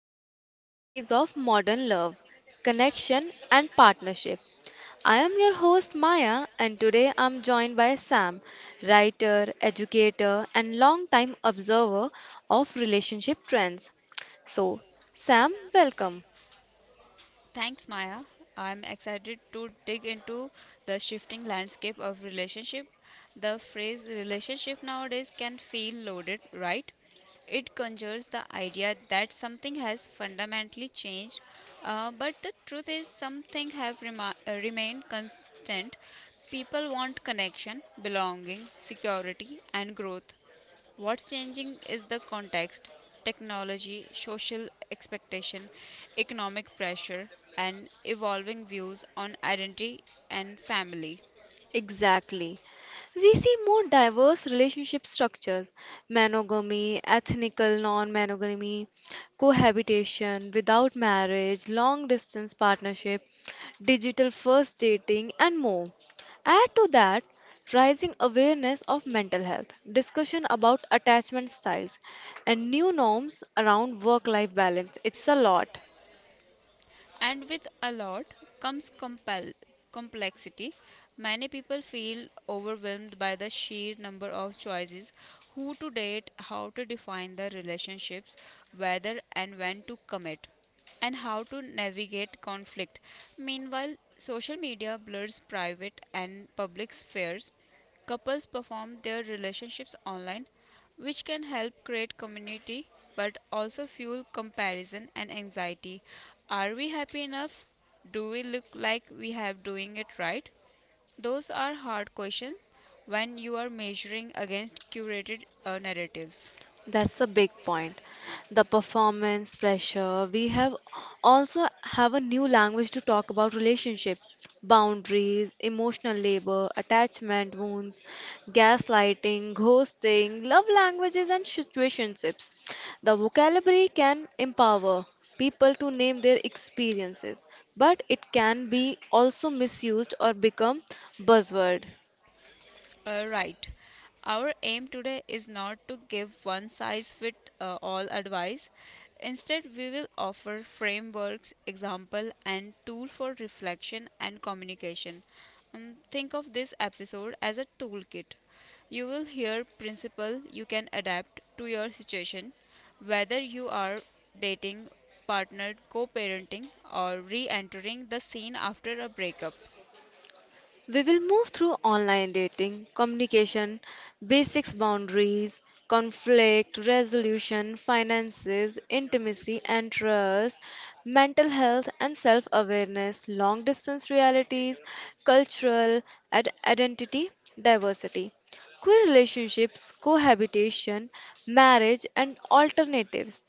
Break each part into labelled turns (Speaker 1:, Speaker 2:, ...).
Speaker 1: explore the realities of modern love, connection, and partnership. I am your host Maya, and today I'm joined by Sam, writer, educator, and longtime observer of relationship trends. So, Sam, welcome.
Speaker 2: Thanks, Maya. I'm excited to dig into the shifting landscape of relationship. The phrase relationship nowadays can feel loaded, right? It conjures the idea that something has fundamentally changed, but the truth is something have remained constant. People want connection, belonging, security, and growth. What's changing is the context, technology, social expectation, economic pressure, and evolving views on identity and family.
Speaker 1: Exactly. We see more diverse relationship structures monogamy, ethnical non monogamy, cohabitation without marriage, long distance partnership, digital first dating, and more. Add to that rising awareness of mental health, discussion about attachment styles, and new norms around work life balance. It's a lot.
Speaker 2: And with a lot comes complexity. Many people feel overwhelmed by the sheer number of choices who to date, how to define the relationships, whether and when to commit, and how to navigate conflict. Meanwhile, social media blurs private and public spheres. Couples perform their relationships online, which can help create community but also fuel comparison and anxiety. Are we happy enough? Do we look like we have doing it right? Those are hard questions when you are measuring against curated narratives.
Speaker 1: That's a big point. The performance pressure. We have also have a new language to talk about relationship, boundaries, emotional labor, attachment wounds, gaslighting, ghosting, love languages and situationships. The vocabulary can empower people to name their experiences, but it can be also misused or become buzzword.
Speaker 2: Right. Our aim today is not to give one size fit all advice. Instead, we will offer frameworks, example, and tool for reflection and communication. Think of this episode as a toolkit. You will hear principle you can adapt to your situation, whether you are dating, partnered, co-parenting, or re-entering the scene after a breakup.
Speaker 1: We will move through online dating, communication, basics boundaries, conflict resolution, finances, intimacy and trust, mental health and self awareness, long distance realities, cultural identity, diversity, queer relationships, cohabitation, marriage, and alternatives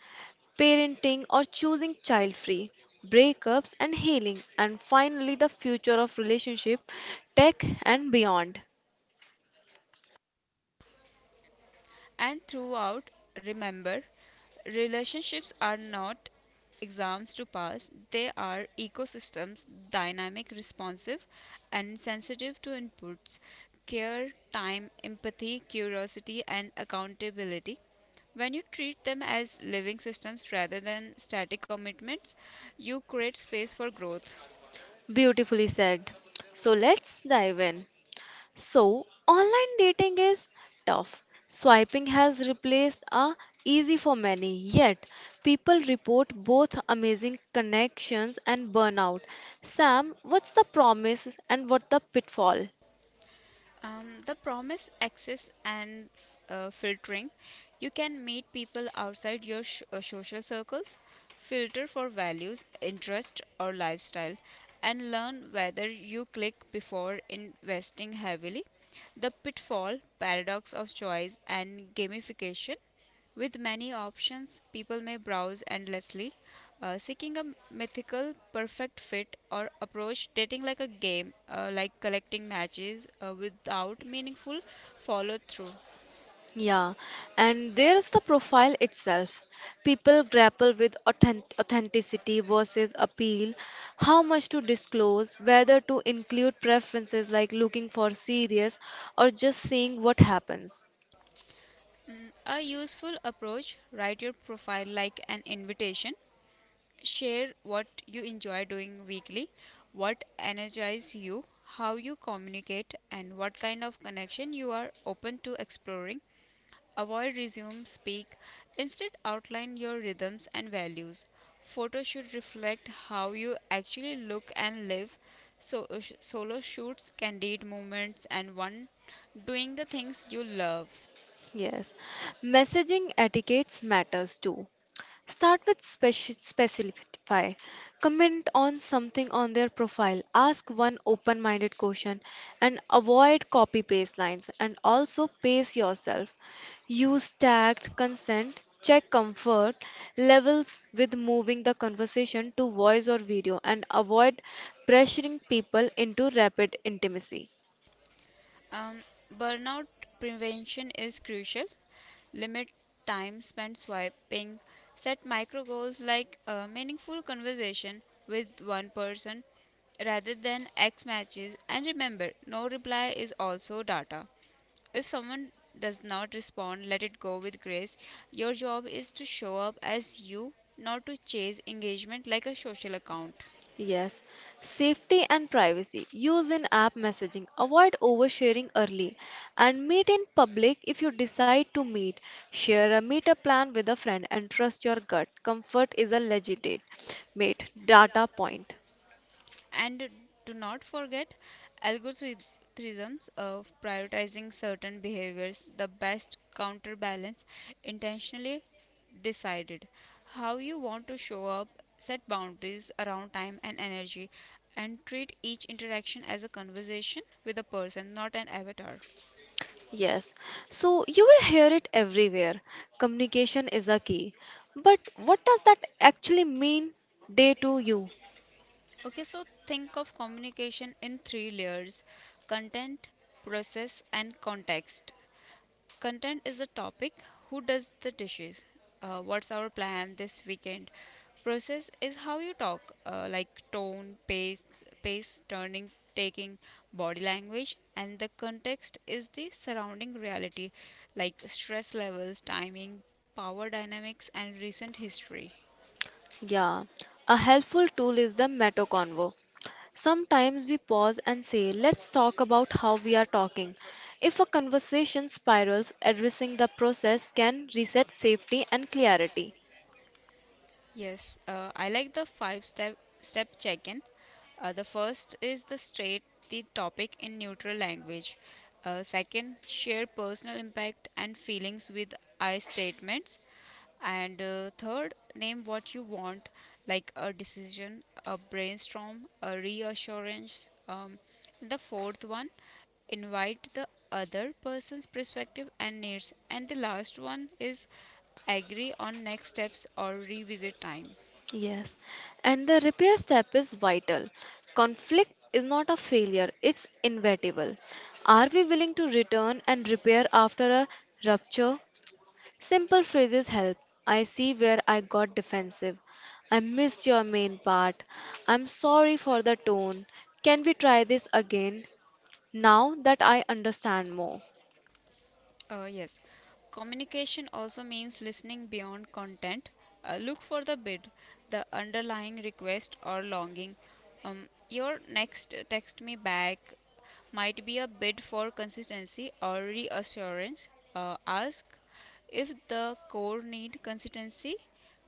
Speaker 1: parenting or choosing child free, breakups and healing, and finally the future of relationship, tech, and beyond.
Speaker 2: And throughout, remember, relationships are not exams to pass, they are ecosystems, dynamic, responsive, and sensitive to inputs. Care, time, empathy, curiosity, and accountability. When you treat them as living systems rather than static commitments, you create space for growth.
Speaker 1: Beautifully said. So let's dive in. So, online dating is tough. Swiping has replaced a easy for many, yet people report both amazing connections and burnout. Sam, what's the promise and what the pitfall?
Speaker 2: The promise access and filtering. You can meet people outside your social circles, filter for values, interest, or lifestyle, and learn whether you click before investing heavily. The pitfall, paradox of choice, and gamification. With many options, people may browse endlessly, seeking a mythical perfect fit or approach dating like a game, like collecting matches without meaningful follow through.
Speaker 1: Yeah, and there is the profile itself. People grapple with authenticity versus appeal, how much to disclose, whether to include preferences like looking for serious or just seeing what happens.
Speaker 2: Mm, a useful approach write your profile like an invitation. Share what you enjoy doing weekly, what energizes you, how you communicate, and what kind of connection you are open to exploring. Avoid resume speak. Instead, outline your rhythms and values. Photos should reflect how you actually look and live. So, solo shoots, candid moments, and one doing the things you love.
Speaker 1: Yes, messaging etiquettes matters too. Start with specify. Comment on something on their profile. Ask one open minded question and avoid copy paste lines and also pace yourself. Use tagged consent. Check comfort levels with moving the conversation to voice or video and avoid pressuring people into rapid intimacy.
Speaker 2: Um, Burnout prevention is crucial. Limit time spent swiping. Set micro goals like a meaningful conversation with one person rather than X matches. And remember, no reply is also data. If someone does not respond, let it go with grace. Your job is to show up as you, not to chase engagement like a social account.
Speaker 1: Yes, safety and privacy. Use in app messaging. Avoid oversharing early and meet in public if you decide to meet. Share a meetup plan with a friend and trust your gut. Comfort is a legitimate mate data point.
Speaker 2: And do not forget algorithms of prioritizing certain behaviors, the best counterbalance, intentionally decided how you want to show up, set boundaries around time and energy, and treat each interaction as a conversation with a person, not an avatar.
Speaker 1: Yes, so you will hear it everywhere. Communication is a key. But what does that actually mean day to you?
Speaker 2: Okay, so think of communication in three layers content, process, and context. Content is the topic. Who does the dishes? What's our plan this weekend? Process is how you talk, like tone, pace, turning, taking, body language, and the context is the surrounding reality, like stress levels, timing, power dynamics, and recent history.
Speaker 1: Yeah, a helpful tool is the Meta Convo. Sometimes we pause and say, let's talk about how we are talking. If a conversation spirals, addressing the process can reset safety and clarity.
Speaker 2: Yes, I like the five step check-in. The first is the state the topic in neutral language. Second, share personal impact and feelings with I statements. And third, name what you want, like a decision, a brainstorm, a reassurance. The fourth one, invite the other person's perspective and needs. And the last one is agree on next steps or revisit time.
Speaker 1: Yes, and the repair step is vital. Conflict is not a failure, it's inevitable. Are we willing to return and repair after a rupture? Simple phrases help. I see where I got defensive. I missed your main part. I'm sorry for the tone. Can we try this again? Now that I understand more.
Speaker 2: Yes, communication also means listening beyond content. Look for the bid, the underlying request or longing. Your next text me back might be a bid for consistency or reassurance. Ask if the core need consistency,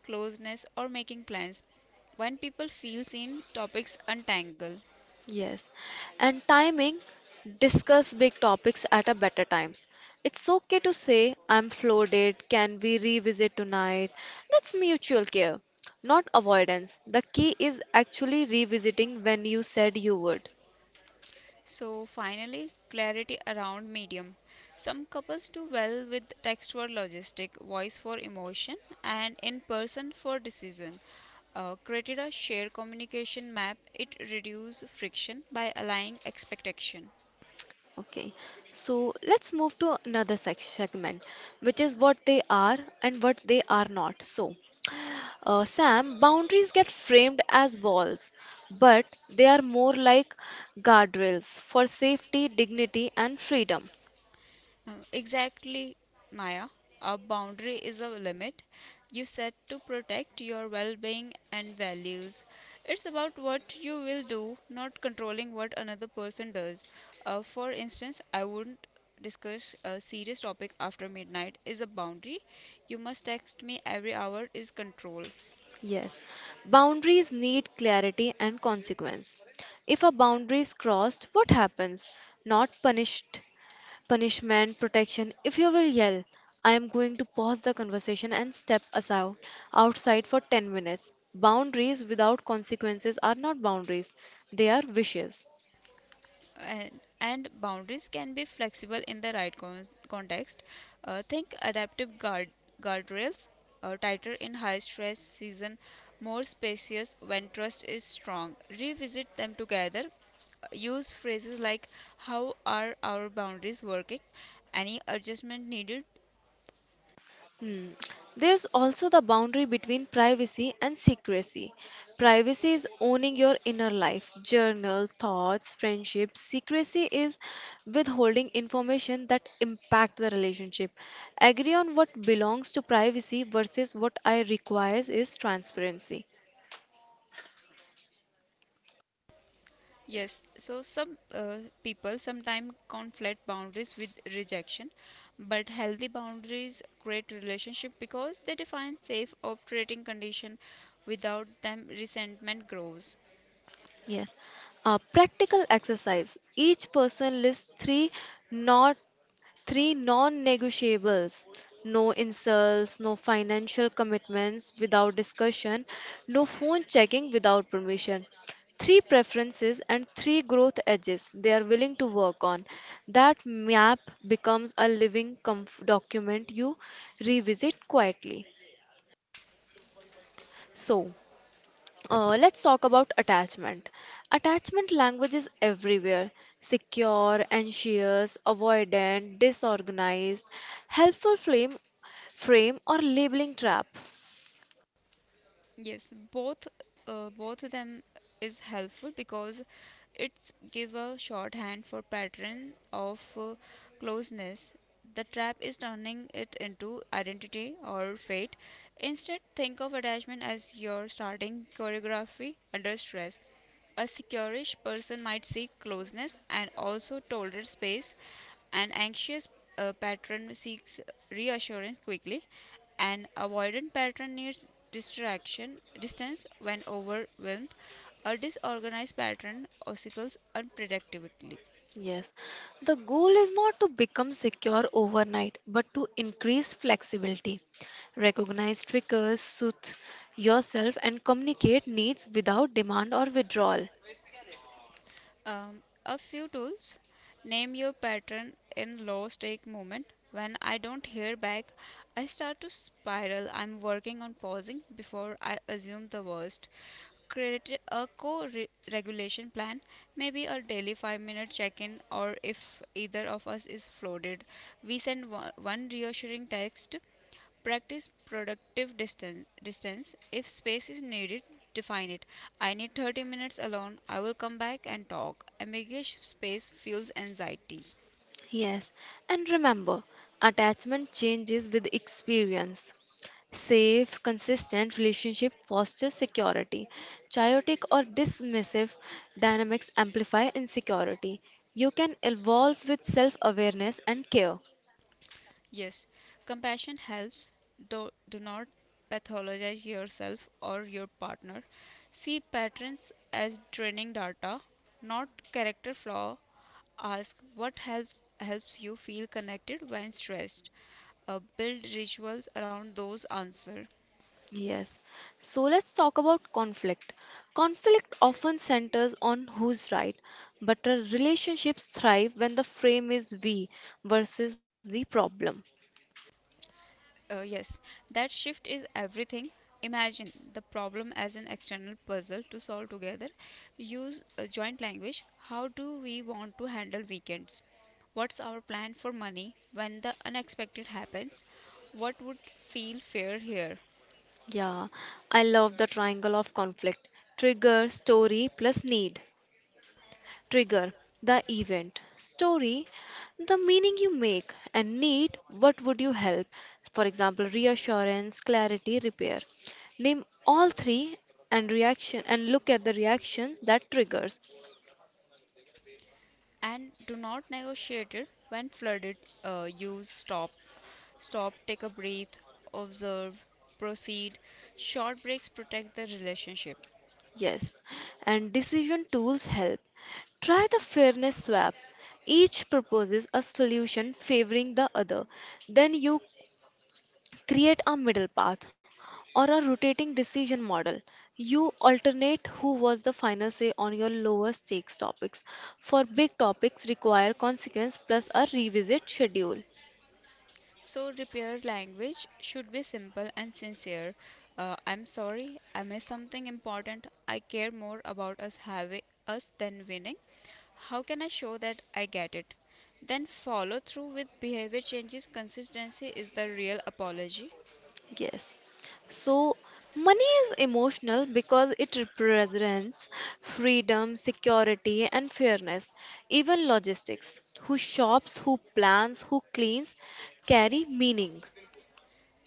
Speaker 2: closeness, or making plans. When people feel seen, topics untangle.
Speaker 1: Yes. And timing, discuss big topics at a better times. It's okay to say I'm floated. Can we revisit tonight? That's mutual care, not avoidance. The key is actually revisiting when you said you would.
Speaker 2: So finally, clarity around medium. Some couples do well with text for logistic, voice for emotion, and in person for decision. Created a shared communication map. It reduces friction by aligning expectation.
Speaker 1: Okay, so let's move to another segment, which is what they are and what they are not. So, Sam, boundaries get framed as walls, but they are more like guardrails for safety, dignity, and freedom.
Speaker 2: Exactly, Maya. A boundary is a limit you set to protect your well being and values. It's about what you will do, not controlling what another person does. For instance, I wouldn't discuss a serious topic after midnight is a boundary. You must text me every hour is control.
Speaker 1: Yes, boundaries need clarity and consequence. If a boundary is crossed, what happens? Not punished, punishment, protection. If you will yell, I am going to pause the conversation and step aside outside for 10 minutes. Boundaries without consequences are not boundaries, they are wishes.
Speaker 2: And boundaries can be flexible in the right context. Think adaptive guardrails, tighter in high stress season, more spacious when trust is strong. Revisit them together. Use phrases like "How are our boundaries working?" "Any adjustment needed?"
Speaker 1: Hmm. There's also the boundary between privacy and secrecy. Privacy is owning your inner life, journals, thoughts, friendships. Secrecy is withholding information that impact the relationship. Agree on what belongs to privacy versus what I requires is transparency.
Speaker 2: Yes, so some people sometimes conflate boundaries with rejection, but healthy boundaries create relationship because they define safe operating condition. Without them, resentment grows.
Speaker 1: Yes. Practical exercise. Each person lists not three non-negotiables. No insults, no financial commitments without discussion, no phone checking without permission. Three preferences and three growth edges they are willing to work on. That map becomes a living document you revisit quietly. So, let's talk about attachment. Attachment language is everywhere secure, anxious, avoidant, disorganized, helpful frame, or labeling trap.
Speaker 2: Yes, both both of them is helpful because it's give a shorthand for pattern of closeness. The trap is turning it into identity or fate. Instead, think of attachment as your starting choreography under stress. A securish person might seek closeness and also tolerate space. An anxious pattern seeks reassurance quickly. An avoidant pattern needs distraction, distance when overwhelmed. A disorganized pattern oscillates unpredictably.
Speaker 1: Yes, the goal is not to become secure overnight but to increase flexibility. Recognize triggers, soothe yourself, and communicate needs without demand or withdrawal.
Speaker 2: A few tools. Name your pattern in low stake movement. When I don't hear back, I start to spiral. I'm working on pausing before I assume the worst. Create a co regulation plan, maybe a daily 5-minute check in, or if either of us is flooded, we send one reassuring text. Practice productive distance. Distance. If space is needed, define it. I need 30 minutes alone. I will come back and talk. Ambiguous space fuels anxiety.
Speaker 1: Yes, and remember, attachment changes with experience. Safe, consistent relationship fosters security. Chaotic or dismissive dynamics amplify insecurity. You can evolve with self awareness and care.
Speaker 2: Yes, compassion helps. Do not pathologize yourself or your partner. See patterns as training data, not character flaw. Ask what helps you feel connected when stressed. Build rituals around those answers.
Speaker 1: Yes. So let's talk about conflict. Conflict often centers on who's right, but our relationships thrive when the frame is we versus the problem.
Speaker 2: Yes, that shift is everything. Imagine the problem as an external puzzle to solve together. Use a joint language. How do we want to handle weekends? What's our plan for money when the unexpected happens? What would feel fair here?
Speaker 1: Yeah, I love the triangle of conflict trigger, story, plus need. Trigger, the event. Story, the meaning you make. And need, what would you help? For example, reassurance, clarity, repair. Name all three and reaction and look at the reactions that triggers.
Speaker 2: And do not negotiate it when flooded. Use stop, take a breath, observe, proceed. Short breaks protect the relationship.
Speaker 1: Yes, and decision tools help. Try the fairness swap. Each proposes a solution favoring the other. Then you create a middle path or a rotating decision model. You alternate who was the final say on your lower stakes topics. For big topics require consequence plus a revisit schedule.
Speaker 2: So, repair language should be simple and sincere. I'm sorry, I missed something important. I care more about us than winning. How can I show that I get it? Then follow through with behavior changes. Consistency is the real apology.
Speaker 1: Yes. So money is emotional because it represents freedom, security and fairness. Even logistics, who shops, who plans, who cleans carry meaning.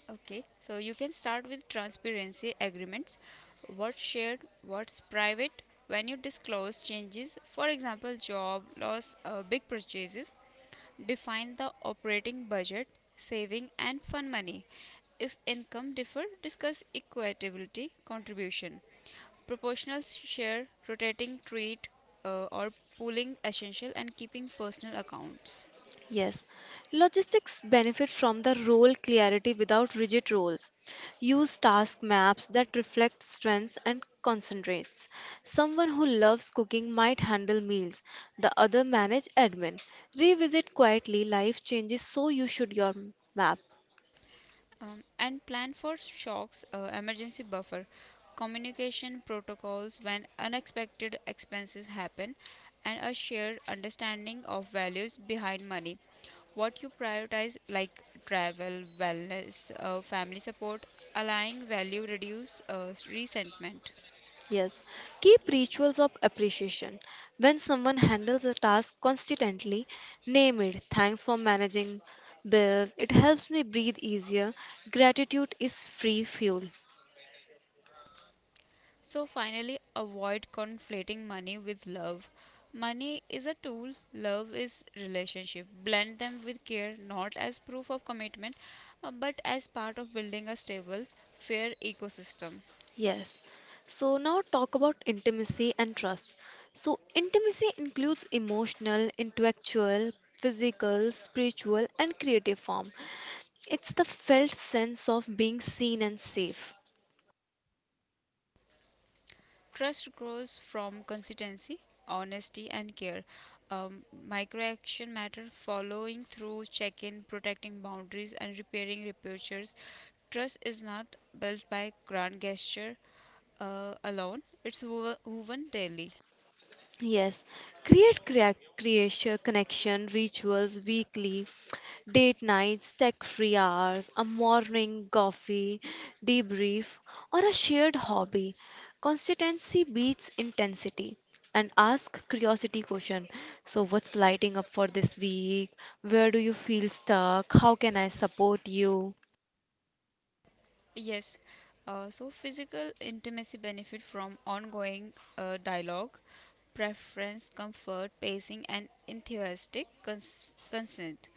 Speaker 2: Okay, so you can start with transparency agreements. What's shared, what's private, when you disclose changes, for example, job loss, big purchases, define the operating budget, saving, and fund money. If income differ, discuss equitability contribution. Proportional share, rotating treat, or pooling essential, and keeping personal accounts.
Speaker 1: Yes, logistics benefit from the role clarity without rigid roles. Use task maps that reflect strengths and concentrates. Someone who loves cooking might handle meals, the other manage admin. Revisit quietly life changes so you should your map.
Speaker 2: And plan for shocks, emergency buffer, communication protocols when unexpected expenses happen, and a shared understanding of values behind money. What you prioritize, like travel, wellness, family support, aligning value reduce resentment.
Speaker 1: Yes, keep rituals of appreciation. When someone handles a task consistently, name it. Thanks for managing bills. It helps me breathe easier. Gratitude is free fuel.
Speaker 2: So finally, avoid conflating money with love. Money is a tool, love is relationship. Blend them with care, not as proof of commitment, but as part of building a stable, fair ecosystem.
Speaker 1: Yes. So now talk about intimacy and trust. So intimacy includes emotional, intellectual, physical, spiritual and creative form. It's the felt sense of being seen and safe.
Speaker 2: Trust grows from consistency, honesty, and care. Micro action matter following through, check in, protecting boundaries, and repairing reputations. Trust is not built by grand gesture alone, it's woven daily.
Speaker 1: Yes, create creation connection rituals weekly, date nights, tech-free hours, a morning coffee, debrief, or a shared hobby. Consistency beats intensity. And ask curiosity question. So, what's lighting up for this week? Where do you feel stuck? How can I support you?
Speaker 2: Yes. So physical intimacy benefit from ongoing dialogue, preference, comfort, pacing, and enthusiastic consent.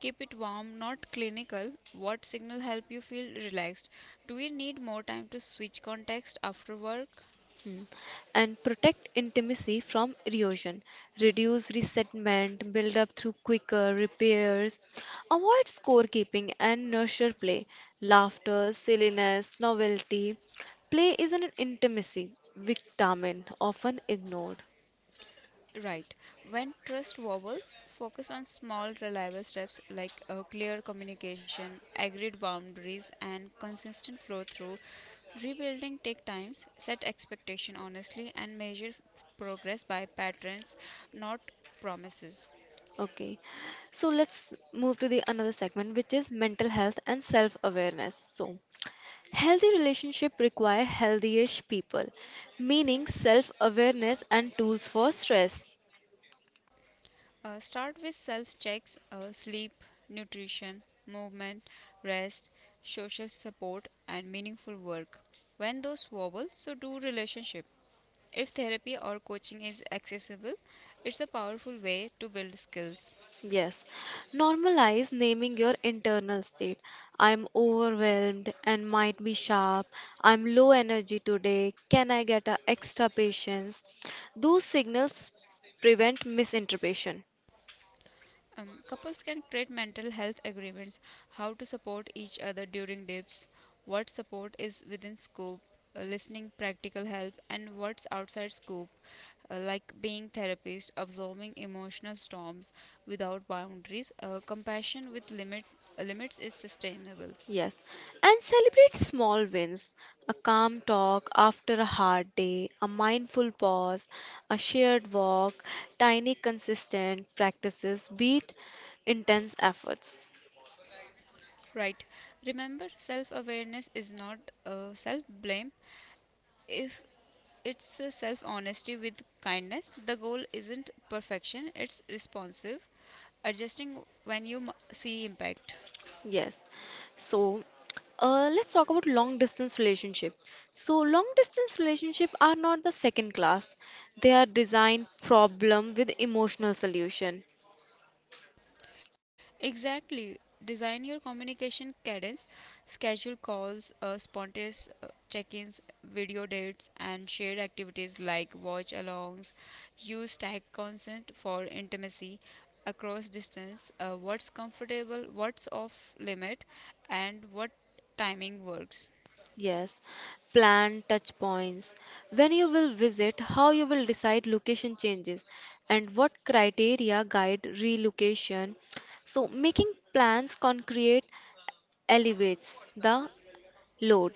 Speaker 2: Keep it warm, not clinical. What signal help you feel relaxed? Do we need more time to switch context after work?
Speaker 1: Mm, and protect intimacy from erosion, reduce resentment, build up through quicker repairs, avoid scorekeeping and nurture play, laughter, silliness, novelty. Play is an intimacy vitamin often ignored.
Speaker 2: Right. When trust wobbles, focus on small, reliable steps like clear communication, agreed boundaries, and consistent flow through. Rebuilding take times. Set expectation honestly and measure progress by patterns, not promises.
Speaker 1: Okay. So let's move to the another segment which is mental health and self-awareness. So healthy relationship require healthy-ish people, meaning self-awareness and tools for stress.
Speaker 2: Start with self checks, sleep, nutrition, movement, rest, social support, and meaningful work. When those wobble, so do relationship. If therapy or coaching is accessible, it's a powerful way to build skills.
Speaker 1: Yes. Normalize naming your internal state. I'm overwhelmed and might be sharp. I'm low energy today. Can I get a extra patience? Those signals prevent misinterpretation.
Speaker 2: Couples can create mental health agreements, how to support each other during dips, what support is within scope, listening, practical help, and what's outside scope, like being therapist, absorbing emotional storms without boundaries, compassion with limits is sustainable.
Speaker 1: Yes, and celebrate small wins a calm talk after a hard day, a mindful pause, a shared walk, tiny consistent practices beat intense efforts.
Speaker 2: Right. Remember, self awareness is not self blame. If It's self honesty with kindness. The goal isn't perfection, it's responsive, adjusting when you see impact.
Speaker 1: Yes, so let's talk about long distance relationship. So long distance relationship are not the second class. They are design problem with emotional solution.
Speaker 2: Exactly. Design your communication cadence, schedule calls, spontaneous check ins, video dates, and shared activities like watch alongs. Use tag consent for intimacy across distance, what's comfortable, what's off limit, and what timing works.
Speaker 1: Yes, plan touch points. When you will visit, how you will decide location changes and what criteria guide relocation. So, making plans concrete elevates the load.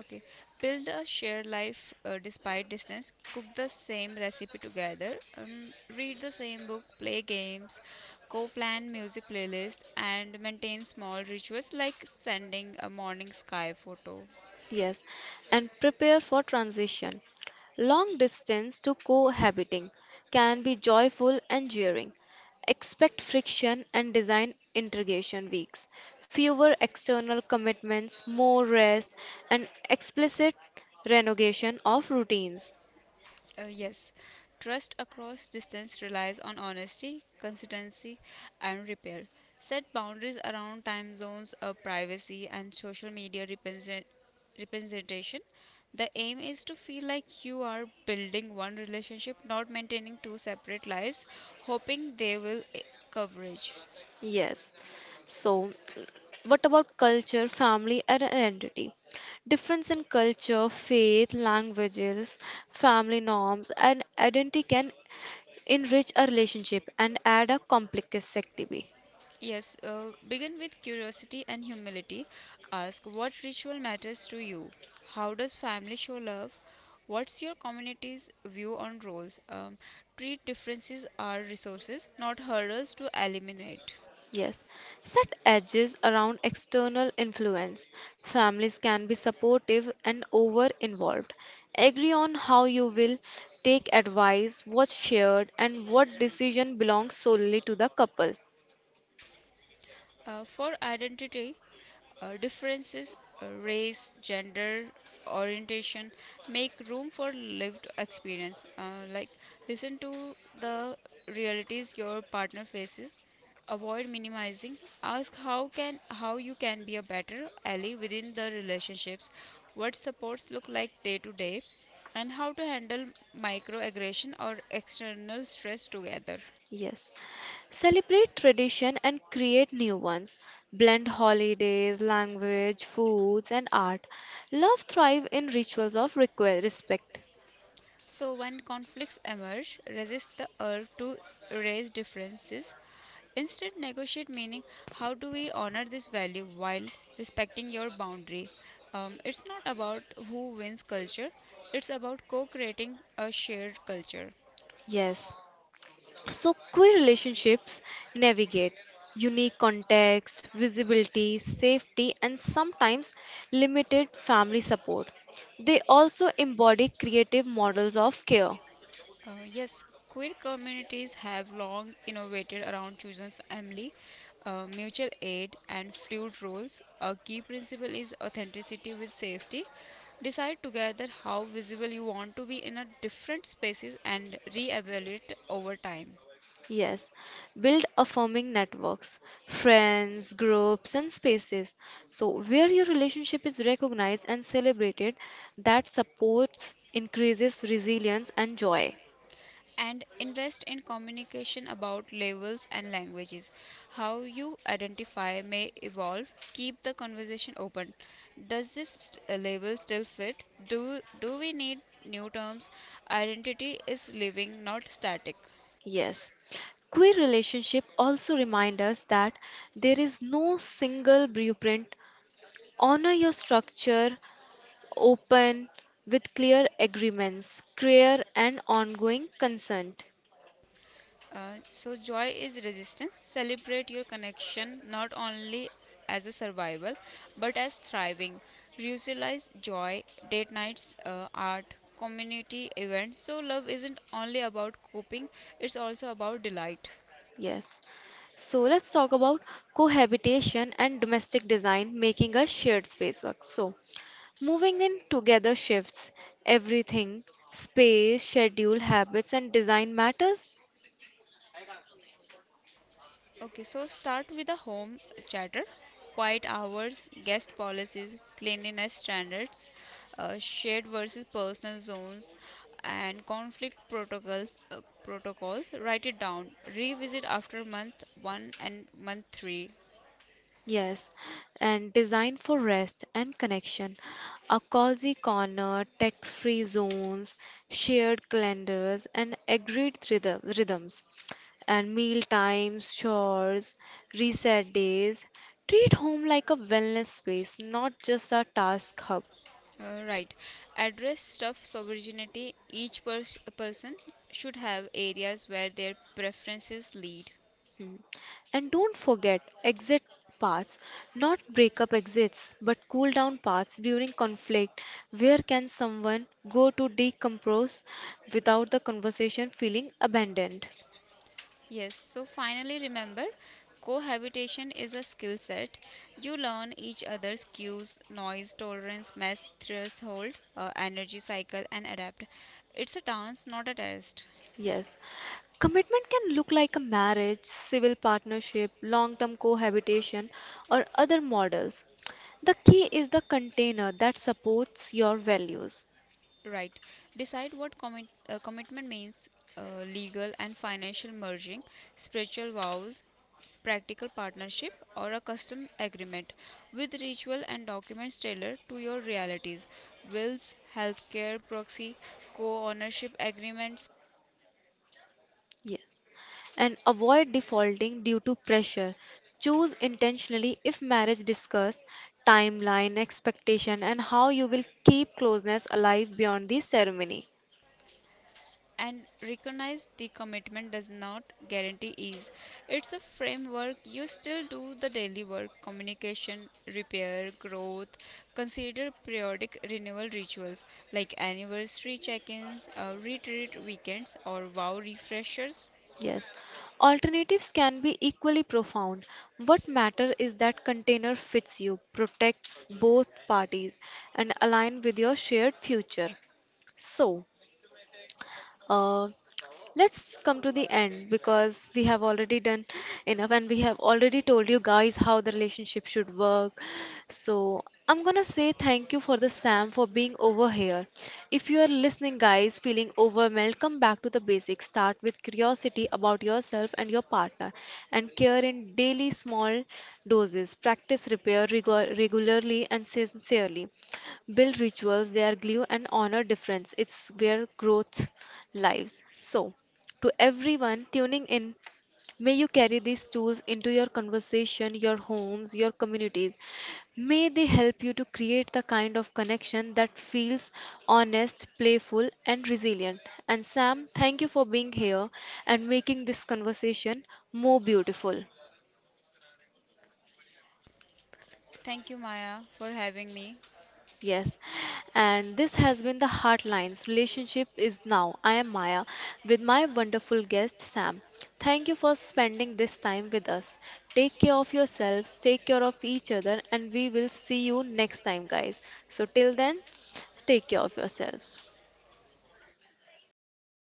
Speaker 2: Okay. Build a shared life despite distance. Cook the same recipe together. Read the same book. Play games. Co plan music playlist and maintain small rituals like sending a morning sky photo.
Speaker 1: Yes, and prepare for transition. Long distance to cohabiting can be joyful and jeering. Expect friction and design integration weeks. Fewer external commitments, more rest, and explicit renegotiation of routines.
Speaker 2: Yes, trust across distance relies on honesty, consistency, and repair. Set boundaries around time zones, privacy, and social media representation. The aim is to feel like you are building one relationship, not maintaining two separate lives, hoping they will coverage.
Speaker 1: Yes. So, what about culture, family, and identity? Difference in culture, faith, languages, family norms, and identity can enrich a relationship and add a complexity.
Speaker 2: Yes, begin with curiosity and humility. Ask what ritual matters to you? How does family show love? What's your community's view on roles? Treat differences are resources, not hurdles to eliminate.
Speaker 1: Yes. Set edges around external influence. Families can be supportive and over involved. Agree on how you will take advice, what's shared, and what decision belongs solely to the couple.
Speaker 2: For identity, differences, race, gender, orientation make room for lived experience. Like, listen to the realities your partner faces. Avoid minimizing. Ask how you can be a better ally within the relationships. What supports look like day to day, and how to handle microaggression or external stress together.
Speaker 1: Yes. Celebrate tradition and create new ones. Blend holidays, language, foods, and art. Love thrive in rituals of respect.
Speaker 2: So when conflicts emerge, resist the urge to raise differences. Instead, negotiate meaning how do we honor this value while respecting your boundary? It's not about who wins culture, it's about co creating a shared culture.
Speaker 1: Yes. So, queer relationships navigate unique context, visibility, safety, and sometimes limited family support. They also embody creative models of care.
Speaker 2: Yes, queer communities have long innovated around chosen family, mutual aid, and fluid roles. A key principle is authenticity with safety. Decide together how visible you want to be in a different spaces and reevaluate over time.
Speaker 1: Yes, build affirming networks, friends, groups, and spaces. So, where your relationship is recognized and celebrated, that supports, increases resilience and joy.
Speaker 2: And invest in communication about labels and languages. How you identify may evolve. Keep the conversation open. Does this label still fit? Do we need new terms? Identity is living, not static.
Speaker 1: Yes. Queer relationship also remind us that there is no single blueprint. Honor your structure, open, with clear agreements, clear and ongoing consent.
Speaker 2: So joy is resistance. Celebrate your connection not only as a survival but as thriving. Visualize joy, date nights, art, community events. So love isn't only about coping; it's also about delight.
Speaker 1: Yes. So let's talk about cohabitation and domestic design making a shared space work. So moving in together shifts everything space, schedule, habits, and design matters.
Speaker 2: Okay, so start with the home chatter, quiet hours, guest policies, cleanliness standards, shared versus personal zones, and conflict protocols. Write it down. Revisit after month one and month three.
Speaker 1: Yes, and designed for rest and connection. A cozy corner, tech free zones, shared calendars, and agreed rhythms. And meal times, chores, reset days. Treat home like a wellness space, not just a task hub.
Speaker 2: Right. Address stuff sovereignty. Each person should have areas where their preferences lead.
Speaker 1: Mm. And don't forget exit paths, not breakup exits, but cool down paths during conflict. Where can someone go to decompress without the conversation feeling abandoned?
Speaker 2: Yes, so finally remember cohabitation is a skill set. You learn each other's cues, noise tolerance, mess threshold, energy cycle, and adapt. It's a dance, not a test.
Speaker 1: Yes. Commitment can look like a marriage, civil partnership, long term cohabitation, or other models. The key is the container that supports your values.
Speaker 2: Right. Decide what commitment means uh, legal and financial merging, spiritual vows, practical partnership, or a custom agreement with ritual and documents tailored to your realities. Wills, healthcare proxy, co ownership agreements,
Speaker 1: Yes. And avoid defaulting due to pressure. Choose intentionally if marriage discuss timeline, expectation, and how you will keep closeness alive beyond the ceremony.
Speaker 2: and recognize the commitment does not guarantee ease. It's a framework. You still do the daily work, communication, repair, growth. Consider periodic renewal rituals like anniversary check ins, retreat weekends, or wow refreshers.
Speaker 1: Yes. Alternatives can be equally profound. What matter is that container fits you, protects both parties, and align with your shared future. So, Uh, let's come to the end because we have already done enough and we have already told you guys how the relationship should work, so I'm gonna say thank you for the Sam for being over here. If you are listening guys feeling overwhelmed, come back to the basics. Start with curiosity about yourself and your partner and care in daily small doses. Practice repair regularly and sincerely, build rituals, they are glue and honor difference. It's where growth lives. So, to everyone tuning in, may you carry these tools into your conversation, your homes, your communities. May they help you to create the kind of connection that feels honest, playful, and resilient. And Sam, thank you for being here and making this conversation more beautiful.
Speaker 2: Thank you, Maya, for having me.
Speaker 1: Yes, and this has been the Heartlines Relationship is Now. I am Maya with my wonderful guest Sam. Thank you for spending this time with us. Take care of yourselves, take care of each other, and we will see you next time, guys. So, till then, take care of yourself.